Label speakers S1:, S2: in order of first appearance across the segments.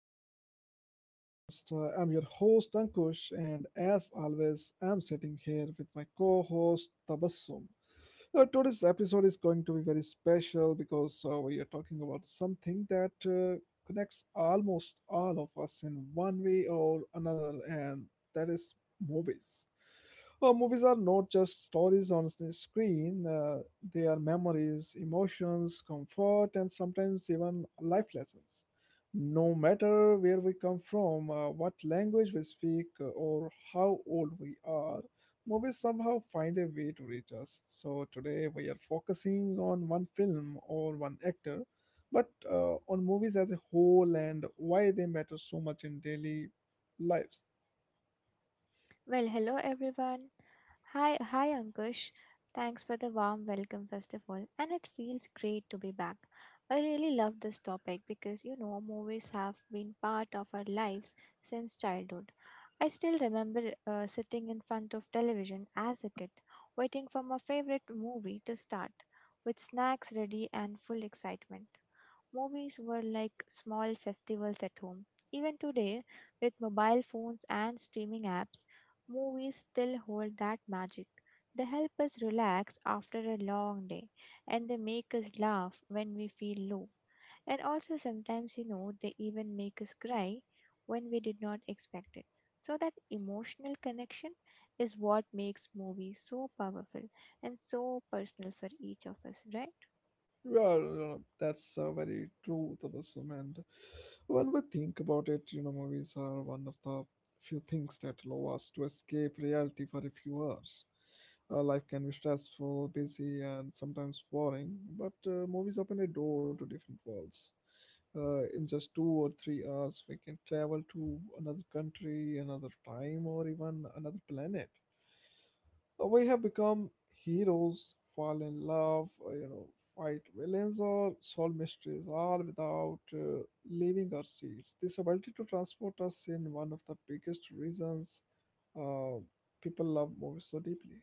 S1: episode of our podcast. I'm your host, Ankush, and as always, I'm sitting here with my co host, Tabassum. Today's episode is going to be very special because we are talking about something that connects almost all of us in one way or another, and that is movies. Movies are not just stories on the screen, they are memories, emotions, comfort, and sometimes even life lessons. No matter where we come from, what language we speak, or how old we are, movies somehow find a way to reach us. So today we are focusing on one film or one actor, but on movies as a whole and why they matter so much in daily lives.
S2: Well, hello everyone. Hi, Ankush. Thanks for the warm welcome, first of all. And it feels great to be back. I really love this topic because you know, movies have been part of our lives since childhood. I still remember sitting in front of television as a kid, waiting for my favorite movie to start, with snacks ready and full excitement. Movies were like small festivals at home. Even today, with mobile phones and streaming apps, movies still hold that magic. They help us relax after a long day, and they make us laugh when we feel low. And also, sometimes, you know, they even make us cry when we did not expect it. So, that emotional connection is what makes movies so powerful and so personal for each of us, right?
S1: Well, you that's very true, Tabassum. And when we think about it, you know, movies are one of the few things that allow us to escape reality for a few hours. Life can be stressful, busy, and sometimes boring, but movies open a door to different worlds. In just 2 or 3 hours, we can travel to another country, another time, or even another planet. We have become heroes, fall in love, you know, fight villains, or solve mysteries, all without leaving our seats. This ability to transport us in one of the biggest reasons uh, people love movies so deeply.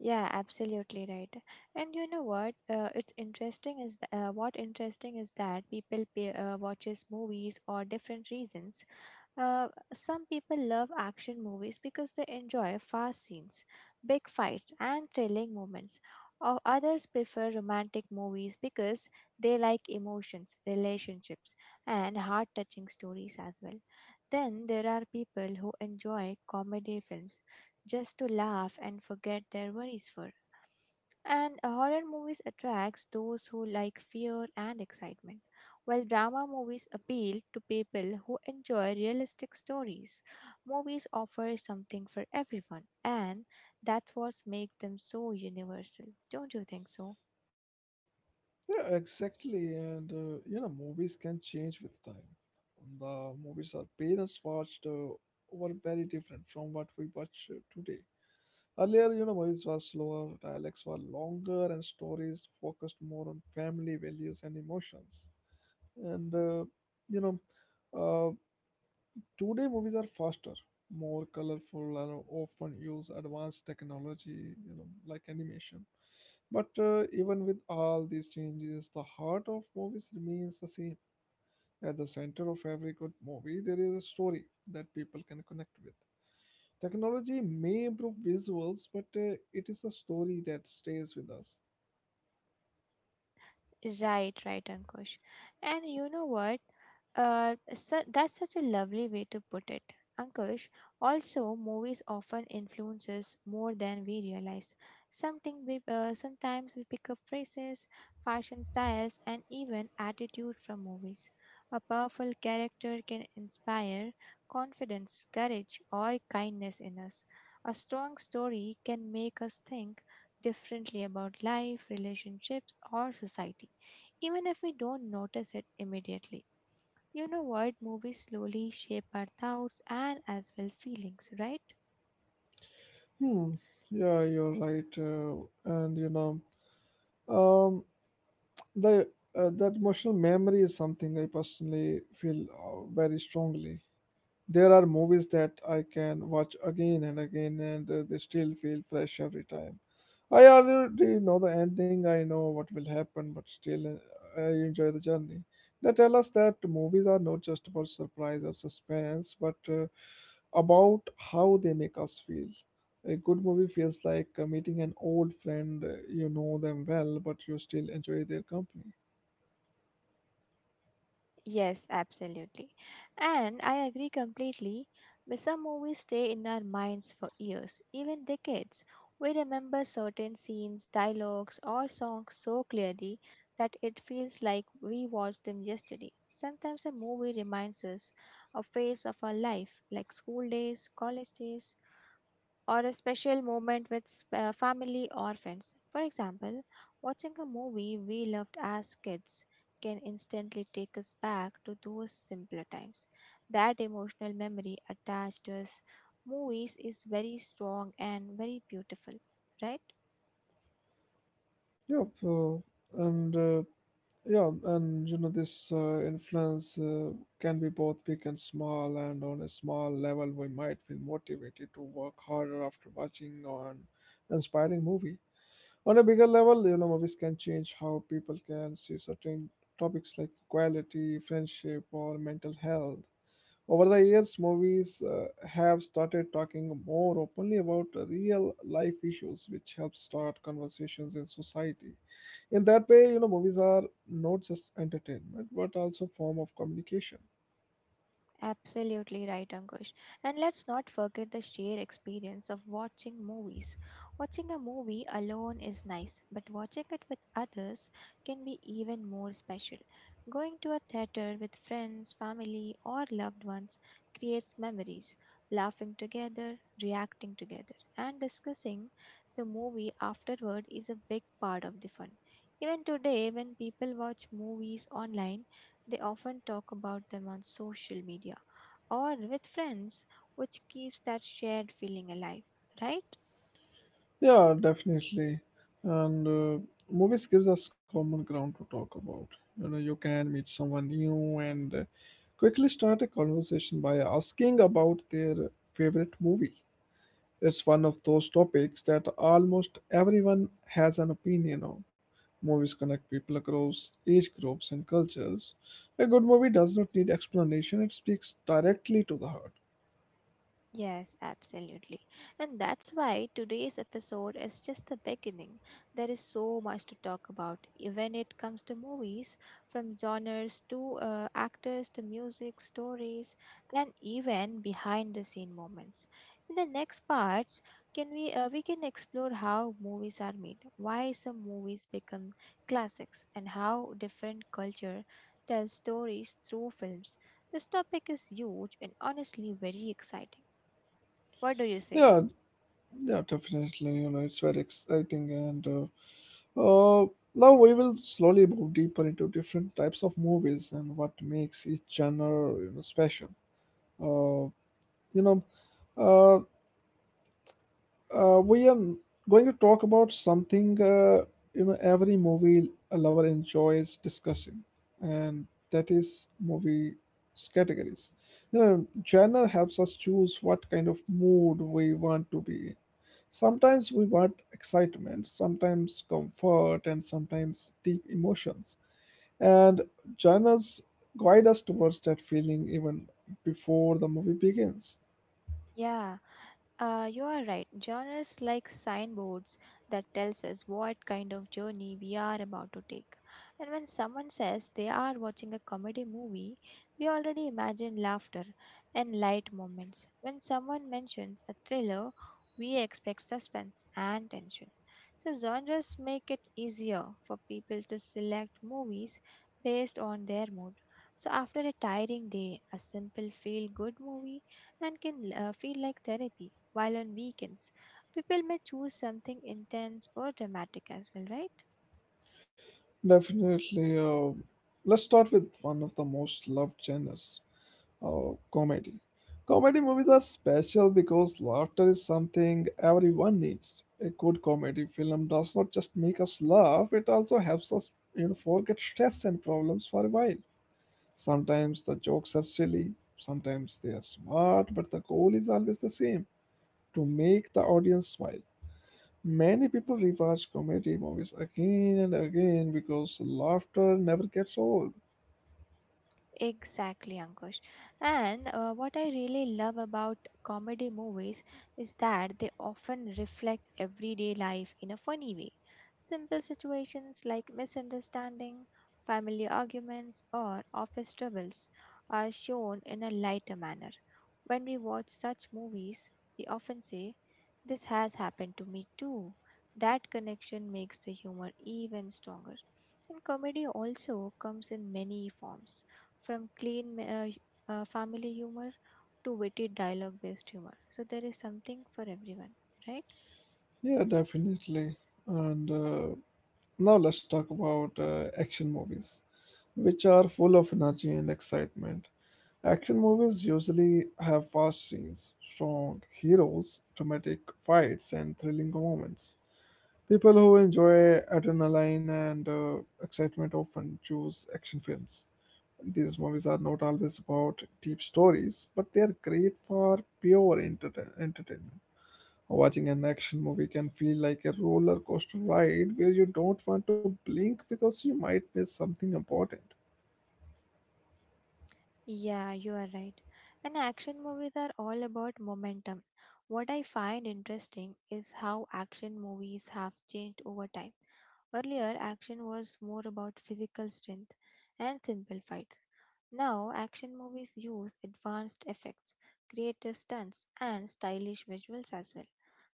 S2: Yeah, absolutely right. And you know what? It's interesting is what interesting is that people pay, watches movies or different reasons. Uh, some people love action movies because they enjoy fast scenes, big fights, and thrilling moments. Or others prefer romantic movies because they like emotions, relationships, and heart touching stories as well. Then there are people who enjoy comedy films just to laugh and forget their worries for. And horror movies attracts those who like fear and excitement. While drama movies appeal to people who enjoy realistic stories, movies offer something for everyone, and that's what makes them so universal. Don't you think so?
S1: Yeah, exactly. And you know, movies can change with time. And the movies our parents watched were very different from what we watch today. Earlier, you know, movies were slower, dialects were longer, and stories focused more on family values and emotions. And uh, you know, uh, Today, movies are faster, more colorful, and often use advanced technology, you know, like animation. But even with all these changes, the heart of movies remains the same. At the center of every good movie, there is a story that people can connect with. Technology may improve visuals, but it is a story that stays with us.
S2: Right, right, Ankush. And you know what? That's such a lovely way to put it. Ankush, also movies often influences more than we realize. Something we Sometimes we pick up phrases, fashion styles, and even attitude from movies. A powerful character can inspire confidence, courage, or kindness in us. A strong story can make us think differently about life, relationships, or society even if we don't notice it immediately. You know what? Movies slowly shape our thoughts and as well feelings, right?
S1: Hmm. Yeah, you're right. And you know, um, the that emotional memory is something I personally feel very strongly. There are movies that I can watch again and again, and they still feel fresh every time. I already know the ending, I know what will happen, but still I enjoy the journey. They tell us that movies are not just about surprise or suspense, but about how they make us feel. A good movie feels like meeting an old friend. You know them well, but you still enjoy their company.
S2: Yes, absolutely. And I agree completely. But some movies stay in our minds for years, even decades. We remember certain scenes, dialogues, or songs so clearly that it feels like we watched them yesterday. Sometimes a movie reminds us a phase of our life, like school days, college days, or a special moment with family or friends. For example, watching a movie we loved as kids can instantly take us back to those simpler times. That emotional memory attached to us movies is very strong and very beautiful, right?
S1: Yep, and yeah, and you know this influence can be both big and small, and on a small level, we might feel motivated to work harder after watching an inspiring movie. On a bigger level, you know, movies can change how people can see certain topics like equality, friendship, or mental health. Over the years, movies have started talking more openly about real life issues, which helps start conversations in society. In that way, you know, movies are not just entertainment but also form of communication.
S2: Absolutely right, Ankush. And let's not forget the sheer experience of watching movies. Watching a movie alone is nice, but watching it with others can be even more special. Going to a theater with friends, family, or loved ones creates memories, laughing together, reacting together, and discussing the movie afterward is a big part of the fun. Even today, when people watch movies online, they often talk about them on social media or with friends, which keeps that shared feeling alive, right?
S1: Yeah, definitely. And movies gives us common ground to talk about. You know, you can meet someone new and quickly start a conversation by asking about their favorite movie. It's one of those topics that almost everyone has an opinion on. Movies connect people across age groups and cultures. A good movie does not need explanation, it speaks directly to the heart.
S2: Yes, absolutely. And that's why today's episode is just the beginning. There is so much to talk about when it comes to movies, from genres to actors to music, stories, and even behind the scene moments. In the next parts, can we can explore how movies are made, why some movies become classics, and how different culture tells stories through films. This topic is huge and honestly very exciting. What do you say?
S1: Yeah, yeah, definitely. You know, it's very exciting, and now we will slowly move deeper into different types of movies and what makes each genre, you know, special. Uh, you know, uh, we are going to talk about something you know, every movie lover enjoys discussing, and that is movie categories. You know, genre helps us choose what kind of mood we want to be in. Sometimes we want excitement, sometimes comfort, and sometimes deep emotions. And genres guide us towards that feeling even before the movie begins.
S2: Yeah, you are right. Genres like signboards that tells us what kind of journey we are about to take. And when someone says they are watching a comedy movie, we already imagine laughter and light moments. When someone mentions a thriller, we expect suspense and tension. So genres make it easier for people to select movies based on their mood. So after a tiring day, a simple feel good movie and can feel like therapy, while on weekends, people may choose something intense or dramatic as well, right?
S1: Definitely. Let's start with one of the most loved genres, comedy. Comedy movies are special because laughter is something everyone needs. A good comedy film does not just make us laugh; it also helps us, you know, forget stress and problems for a while. Sometimes the jokes are silly, sometimes they are smart, but the goal is always the same to make the audience smile. Many people rewatch comedy movies again and again because laughter never gets old.
S2: Exactly, Ankush. And what I really love about comedy movies is that they often reflect everyday life in a funny way. Simple situations like misunderstanding, family arguments, or office troubles are shown in a lighter manner. When we watch such movies, we often say, this has happened to me too. That connection makes the humor even stronger. And comedy also comes in many forms from clean family humor to witty dialogue based humor. So there is something for everyone, right?
S1: Yeah, definitely. And now let's talk about action movies, which are full of energy and excitement. Action movies usually have fast scenes, strong heroes, dramatic fights, and thrilling moments. People who enjoy adrenaline and excitement often choose action films. These movies are not always about deep stories, but they are great for pure entertainment. Watching an action movie can feel like a roller coaster ride where you don't want to blink because you might miss something important.
S2: Yeah, you are right. And action movies are all about momentum. What I find interesting is how action movies have changed over time. Earlier, action was more about physical strength and simple fights. Now, action movies use advanced effects, creative stunts, and stylish visuals as well.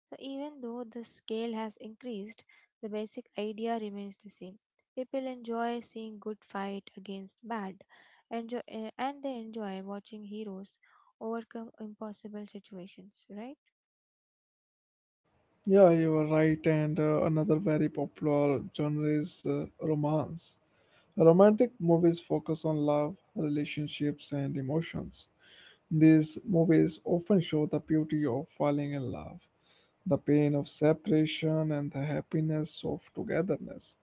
S2: So, even though the scale has increased, the basic idea remains the same. People enjoy seeing good fight against bad, and they enjoy watching heroes overcome impossible situations, right?
S1: Yeah, you are right. And another very popular genre is romance. Romantic movies focus on love, relationships, and emotions. These movies often show the beauty of falling in love, the pain of separation, and the happiness of togetherness.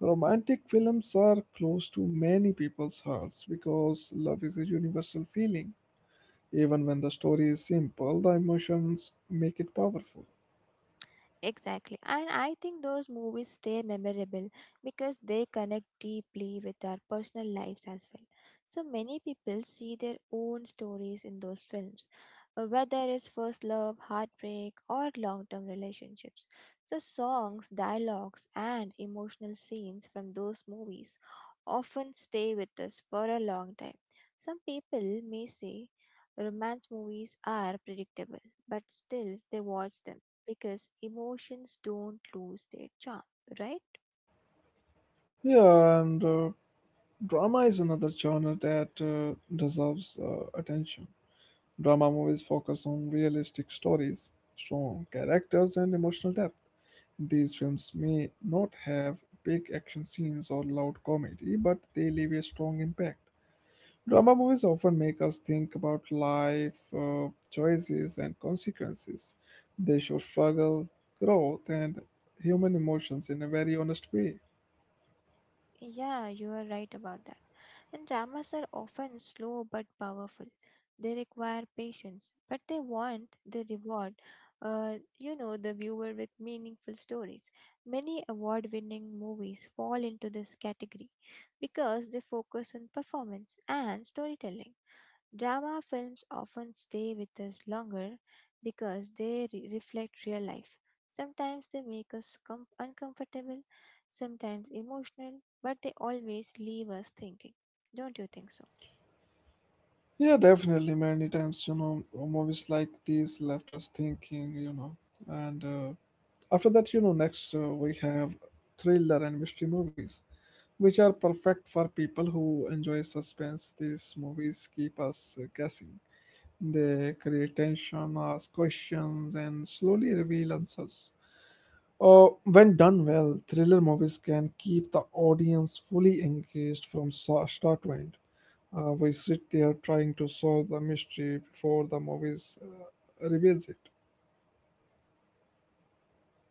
S1: Romantic films are close to many people's hearts because love is a universal feeling. Even when the story is simple, the emotions make it powerful.
S2: Exactly. And I think those movies stay memorable because they connect deeply with our personal lives as well. So many people see their own stories in those films, whether it's first love, heartbreak, or long term relationships. So, songs, dialogues, and emotional scenes from those movies often stay with us for a long time. Some people may say romance movies are predictable, but still they watch them because emotions don't lose their charm, right?
S1: Yeah, and drama is another genre that deserves attention. Drama movies focus on realistic stories, strong characters, and emotional depth. These films may not have big action scenes or loud comedy, but they leave a strong impact. Drama movies often make us think about life, choices, and consequences. They show struggle, growth, and human emotions in a very honest way.
S2: Yeah, you are right about that. And dramas are often slow but powerful. They require patience, but they want the reward, you know, the viewer with meaningful stories. Many award winning movies fall into this category because they focus on performance and storytelling. Drama films often stay with us longer because they reflect real life. Sometimes they make us uncomfortable, sometimes emotional, but they always leave us thinking. Don't you think so?
S1: Yeah, definitely. Many times, you know, movies like these left us thinking, you know, and after that, you know, next we have thriller and mystery movies, which are perfect for people who enjoy suspense. These movies keep us guessing. They create tension, ask questions, and slowly reveal answers. Or when done well, thriller movies can keep the audience fully engaged from start to end. We sit there trying to solve the mystery before the movies reveals it.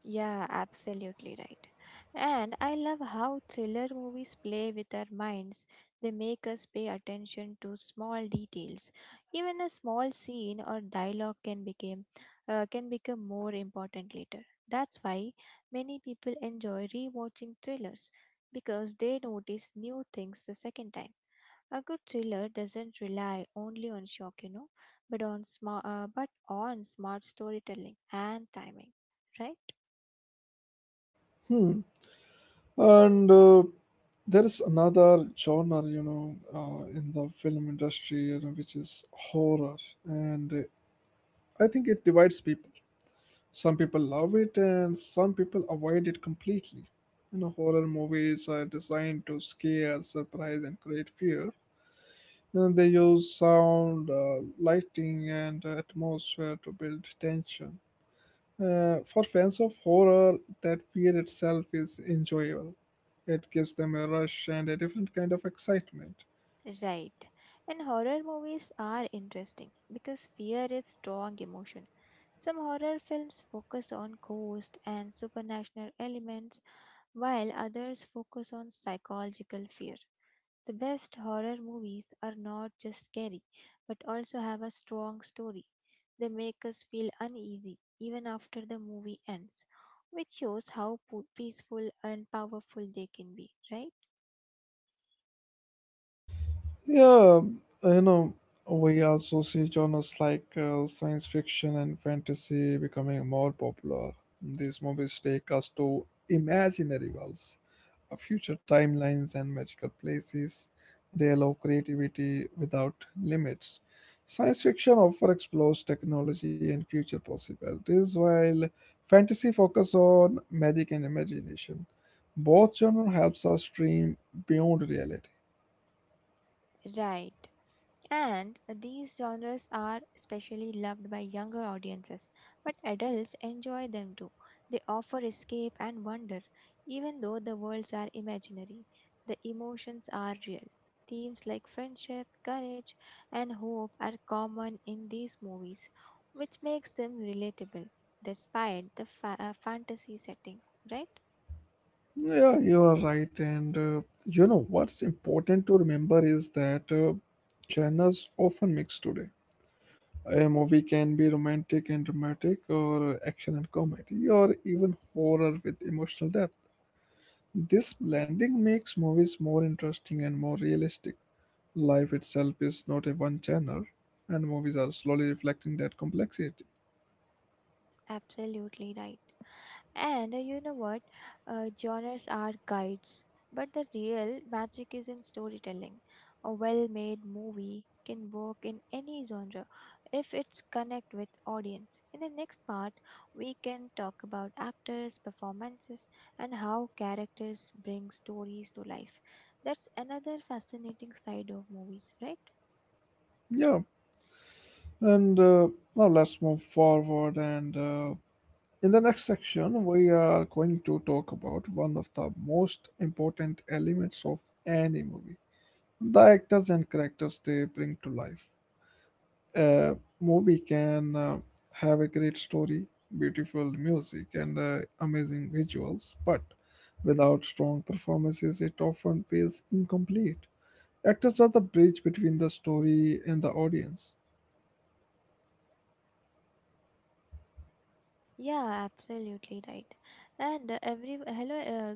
S2: Yeah, absolutely right. And I love how thriller movies play with our minds. They make us pay attention to small details. Even a small scene or dialogue can become more important later. That's why many people enjoy rewatching thrillers because they notice new things the second time. A good thriller doesn't rely only on shock, you know, but on smart storytelling and timing, right?
S1: And there is another genre, you know, in the film industry, you know, which is horror. And I think it divides people. Some people love it and some people avoid it completely. You know, horror movies are designed to scare, surprise, and create fear. And they use sound, lighting, and atmosphere to build tension. For fans of horror, that fear itself is enjoyable. It gives them a rush and a different kind of excitement.
S2: Right. And horror movies are interesting because fear is strong emotion. Some horror films focus on ghosts and supernatural elements while others focus on psychological fear. The best horror movies are not just scary but also have a strong story. They make us feel uneasy even after the movie ends, which shows how peaceful and powerful they can be, right?
S1: Yeah, you know, we also see genres like science fiction and fantasy becoming more popular. These movies take us to imaginary worlds, future timelines, and magical places. They allow creativity without limits. Science fiction often explores technology and future possibilities, while fantasy focuses on magic and imagination. Both genres helps us dream beyond reality.
S2: Right. And these genres are especially loved by younger audiences, but adults enjoy them too. They offer escape and wonder, even though the worlds are imaginary. The emotions are real. Themes like friendship, courage, and hope are common in these movies, which makes them relatable despite the fantasy setting, right?
S1: Yeah, you are right. And you know what's important to remember is that genres often mix today. A movie can be romantic and dramatic, or action and comedy, or even horror with emotional depth. This blending makes movies more interesting and more realistic. Life itself is not a one genre, and movies are slowly reflecting that complexity.
S2: Absolutely right. And you know what? Genres are guides, but the real magic is in storytelling. A well made movie can work in any genre if it's connect with audience. In the next part, we can talk about actors, performances, and how characters bring stories to life. That's another fascinating side of movies, right?
S1: Yeah, and now let's move forward, and in the next section, we are going to talk about one of the most important elements of any movie, the actors and characters they bring to life. A movie can have a great story, beautiful music, and amazing visuals, but without strong performances, it often feels incomplete. Actors are the bridge between the story and the audience.
S2: Yeah, absolutely right. And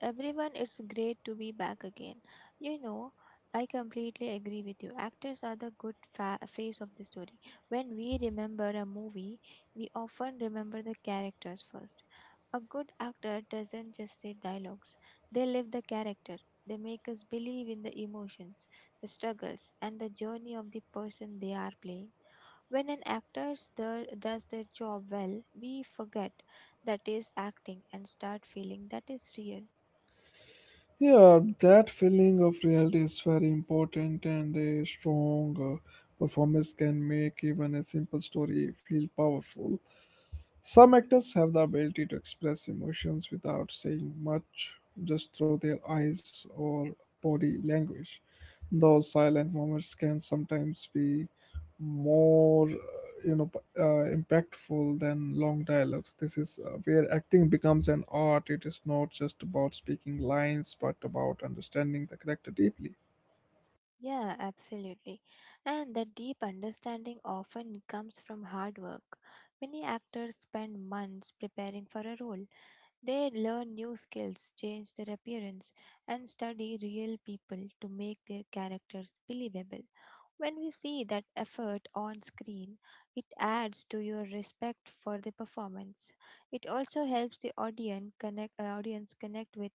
S2: everyone, it's great to be back again. You know, I completely agree with you. Actors are the good face of the story. When we remember a movie, we often remember the characters first. A good actor doesn't just say dialogues; they live the character. They make us believe in the emotions, the struggles, and the journey of the person they are playing. When an actor does their job well, we forget that is acting and start feeling that is real.
S1: Yeah, that feeling of reality is very important, and a strong performance can make even a simple story feel powerful. Some actors have the ability to express emotions without saying much, just through their eyes or body language. Those silent moments can sometimes be more, you know, impactful than long dialogues. This is where acting becomes an art. It is not just about speaking lines but about understanding the character deeply.
S2: Yeah, absolutely. And that deep understanding often comes from hard work. Many actors spend months preparing for a role. They learn new skills, change their appearance, and study real people to make their characters believable. When we see that effort on screen, it adds to your respect for the performance. It also helps the audience connect with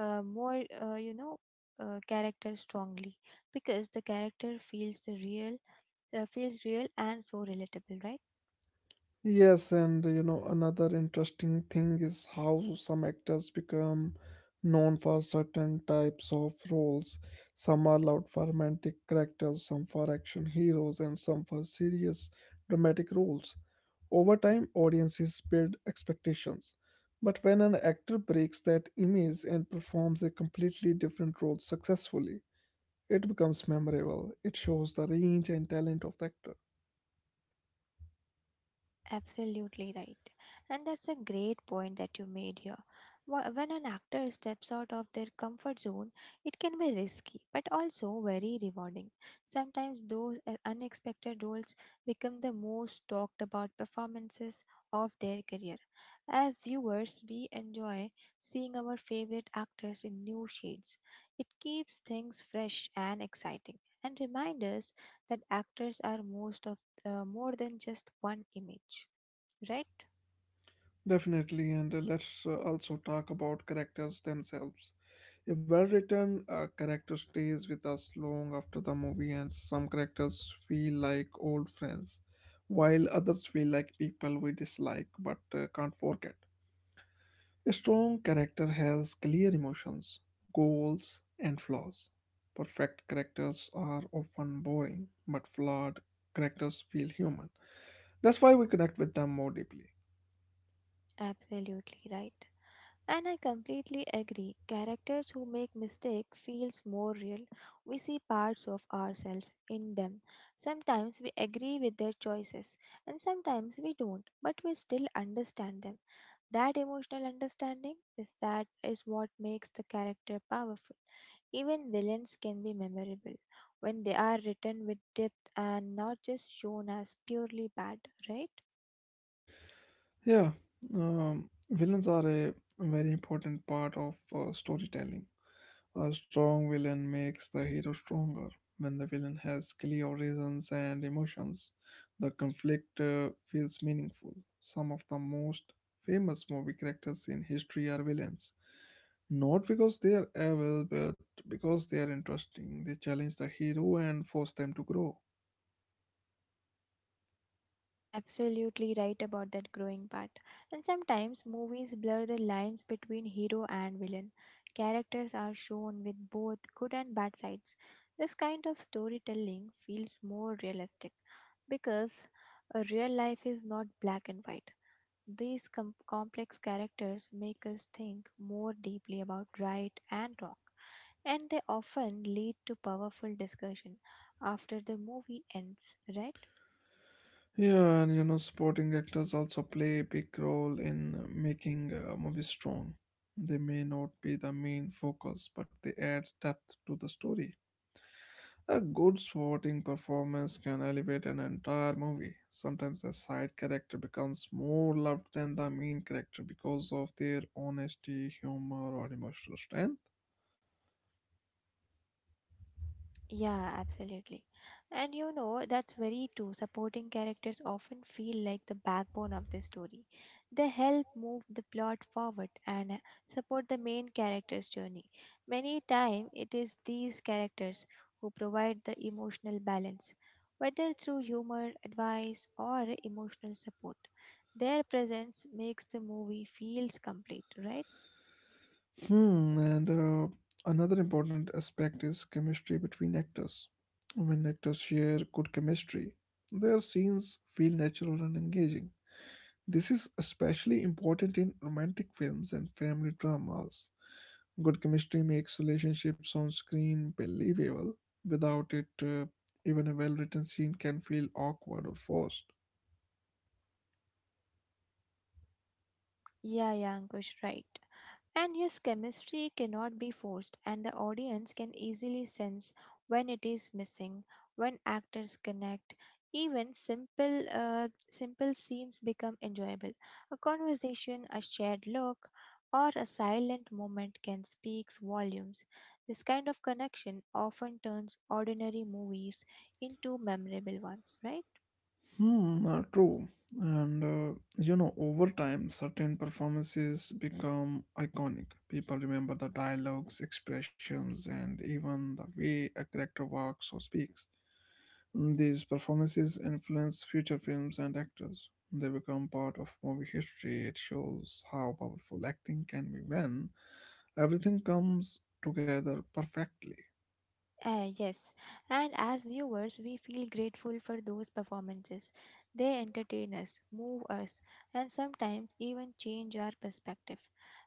S2: more you know characters strongly because the character feels the real feels real and so relatable, right?
S1: Yes, and you know, another interesting thing is how some actors become known for certain types of roles. Some are loved for romantic characters, some for action heroes, and some for serious dramatic roles. Over time, audiences build expectations. But when an actor breaks that image and performs a completely different role successfully, it becomes memorable. It shows the range and talent of the actor.
S2: Absolutely right. And that's a great point that you made here. When an actor steps out of their comfort zone, it can be risky, but also very rewarding. Sometimes those unexpected roles become the most talked about performances of their career. As viewers, we enjoy seeing our favorite actors in new shades. It keeps things fresh and exciting and reminds us that actors are most of the, more than just one image, right?
S1: Definitely, and let's also talk about characters themselves. A well written character stays with us long after the movie, and some characters feel like old friends, while others feel like people we dislike but can't forget. A strong character has clear emotions, goals, and flaws. Perfect characters are often boring, but flawed characters feel human. That's why we connect with them more deeply.
S2: Absolutely right. And I completely agree. Characters who make mistake feels more real. We see parts of ourselves in them. Sometimes we agree with their choices and sometimes we don't, but we still understand them. That emotional understanding is that is what makes the character powerful. Even villains can be memorable when they are written with depth and not just shown as purely bad, right?
S1: Yeah, villains are a very important part of storytelling. A strong villain makes the hero stronger. When the villain has clear reasons and emotions, the conflict feels meaningful. Some of the most famous movie characters in history are villains. Not because they are evil, but because they are interesting. They challenge the hero and force them to grow.
S2: Absolutely right about that growing part. And sometimes movies blur the lines between hero and villain. Characters are shown with both good and bad sides. This kind of storytelling feels more realistic because a real life is not black and white. These complex characters make us think more deeply about right and wrong, and they often lead to powerful discussion after the movie ends, right?
S1: Yeah, and you know, supporting actors also play a big role in making a movie strong. They may not be the main focus, but they add depth to the story. A good supporting performance can elevate an entire movie. Sometimes a side character becomes more loved than the main character because of their honesty, humor, or emotional strength.
S2: Yeah, absolutely. And you know, that's very true. Supporting characters often feel like the backbone of the story. They help move the plot forward and support the main character's journey. Many times, it is these characters who provide the emotional balance, whether through humor, advice, or emotional support. Their presence makes the movie feels complete, right?
S1: Hmm, and another important aspect is chemistry between actors. When actors share good chemistry, their scenes feel natural and engaging. This is especially important in romantic films and family dramas. Good chemistry makes relationships on screen believable. Without it, even a well written scene can feel awkward or forced.
S2: Yeah, yeah, Ankush, right. And yes, chemistry cannot be forced, and the audience can easily sense when it is missing, when actors connect. Even simple scenes become enjoyable. A conversation, a shared look, or a silent moment can speak volumes. This kind of connection often turns ordinary movies into memorable ones, right?
S1: Hmm, true. And you know, over time, certain performances become iconic. People remember the dialogues, expressions, and even the way a character walks or speaks. Hmm, these performances influence future films and actors. They become part of movie history. It shows how powerful acting can be when everything comes together perfectly.
S2: Yes, and as viewers, we feel grateful for those performances. They entertain us, move us, and sometimes even change our perspective.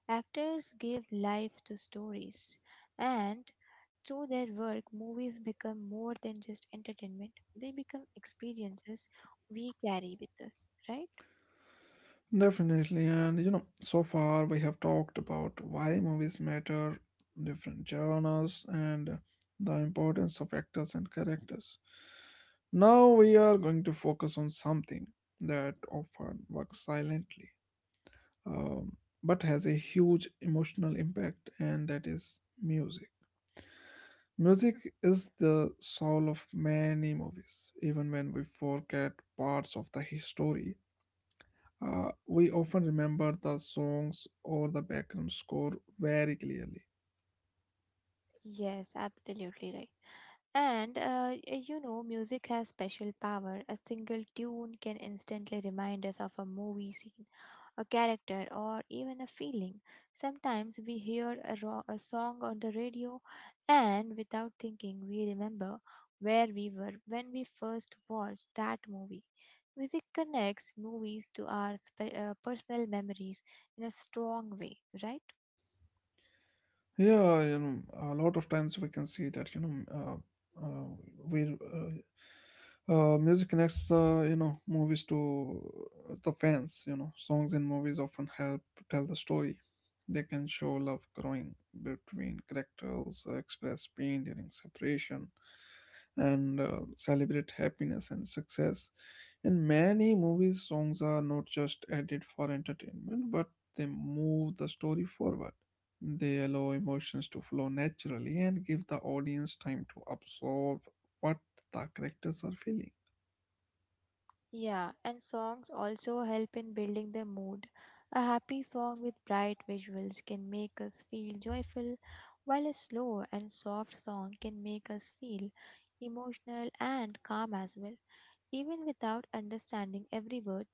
S2: Actors give life to stories, and through their work, movies become more than just entertainment, they become experiences we carry with us, right?
S1: Definitely, and you know, so far we have talked about why movies matter, different genres, and the importance of actors and characters. Now we are going to focus on something that often works silently, um, but has a huge emotional impact, and that is music. Music is the soul of many movies, even when we forget parts of the history we often remember the songs or the background score very clearly.
S2: Yes, absolutely right. And you know, music has special power. A single tune can instantly remind us of a movie scene, a character, or even a feeling. Sometimes we hear a song on the radio, and without thinking, we remember where we were when we first watched that movie. Music connects movies to our personal memories in a strong way, right?
S1: Yeah, you know, a lot of times we can see that, you know, uh, we music connects the, you know, movies to the fans. You know, songs in movies often help tell the story. They can show love growing between characters, express pain during separation, and celebrate happiness and success. In many movies, songs are not just added for entertainment, but they move the story forward. They allow emotions to flow naturally and give the audience time to absorb what the characters are feeling.
S2: Yeah, and songs also help in building the mood. A happy song with bright visuals can make us feel joyful, while a slow and soft song can make us feel emotional and calm as well. Even without understanding every word,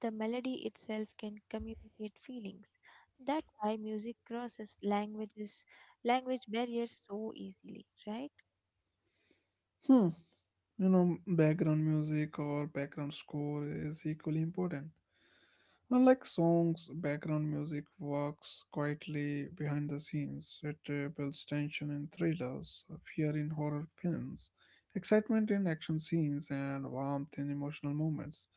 S2: the melody itself can communicate feelings. That's why music crosses language barriers so easily, right?
S1: Hmm. You know, background music or background score is equally important. Unlike songs, background music works quietly behind the scenes. It builds tension in thrillers, fear in horror films, excitement in action scenes, and warmth in emotional moments.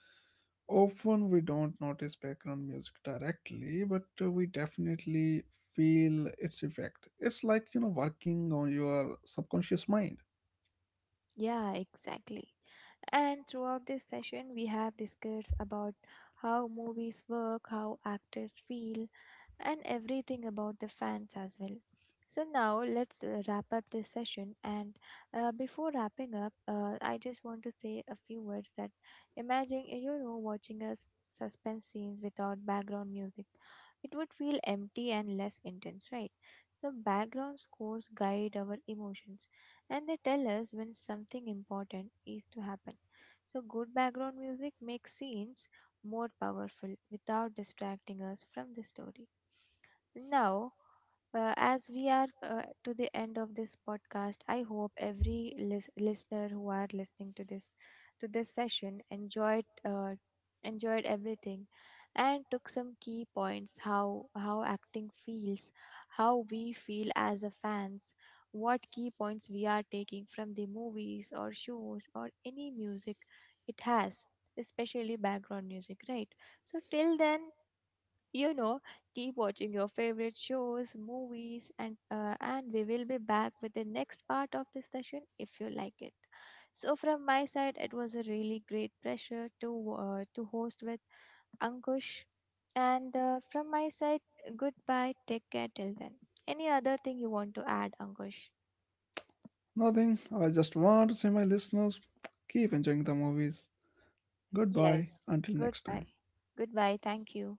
S1: Often we don't notice background music directly, but we definitely feel its effect. It's like, you know, working on your subconscious mind.
S2: Yeah, exactly. And throughout this session, we have discussed about how movies work, how actors feel, and everything about the fans as well. So now let's wrap up this session. And before wrapping up, I just want to say a few words that imagine you know, watching a suspense scenes without background music, it would feel empty and less intense, right? So background scores guide our emotions, and they tell us when something important is to happen. So good background music makes scenes more powerful without distracting us from the story. Now, as we are to the end of this podcast, I hope every listener who are listening to this session enjoyed everything and took some key points, how acting feels, how we feel as a fans, what key points we are taking from the movies or shows or any music it has, especially background music, right? So till then, you know, keep watching your favorite shows, movies, and and we will be back with the next part of this session if you like it. So from my side, it was a really great pleasure to host with Ankush. And from my side, goodbye, take care, till then. Any other thing you want to add, Ankush?
S1: Nothing, I just want to say, my listeners, keep enjoying the movies. Goodbye,
S2: Yes.
S1: until next time.
S2: Goodbye. Goodbye, thank you.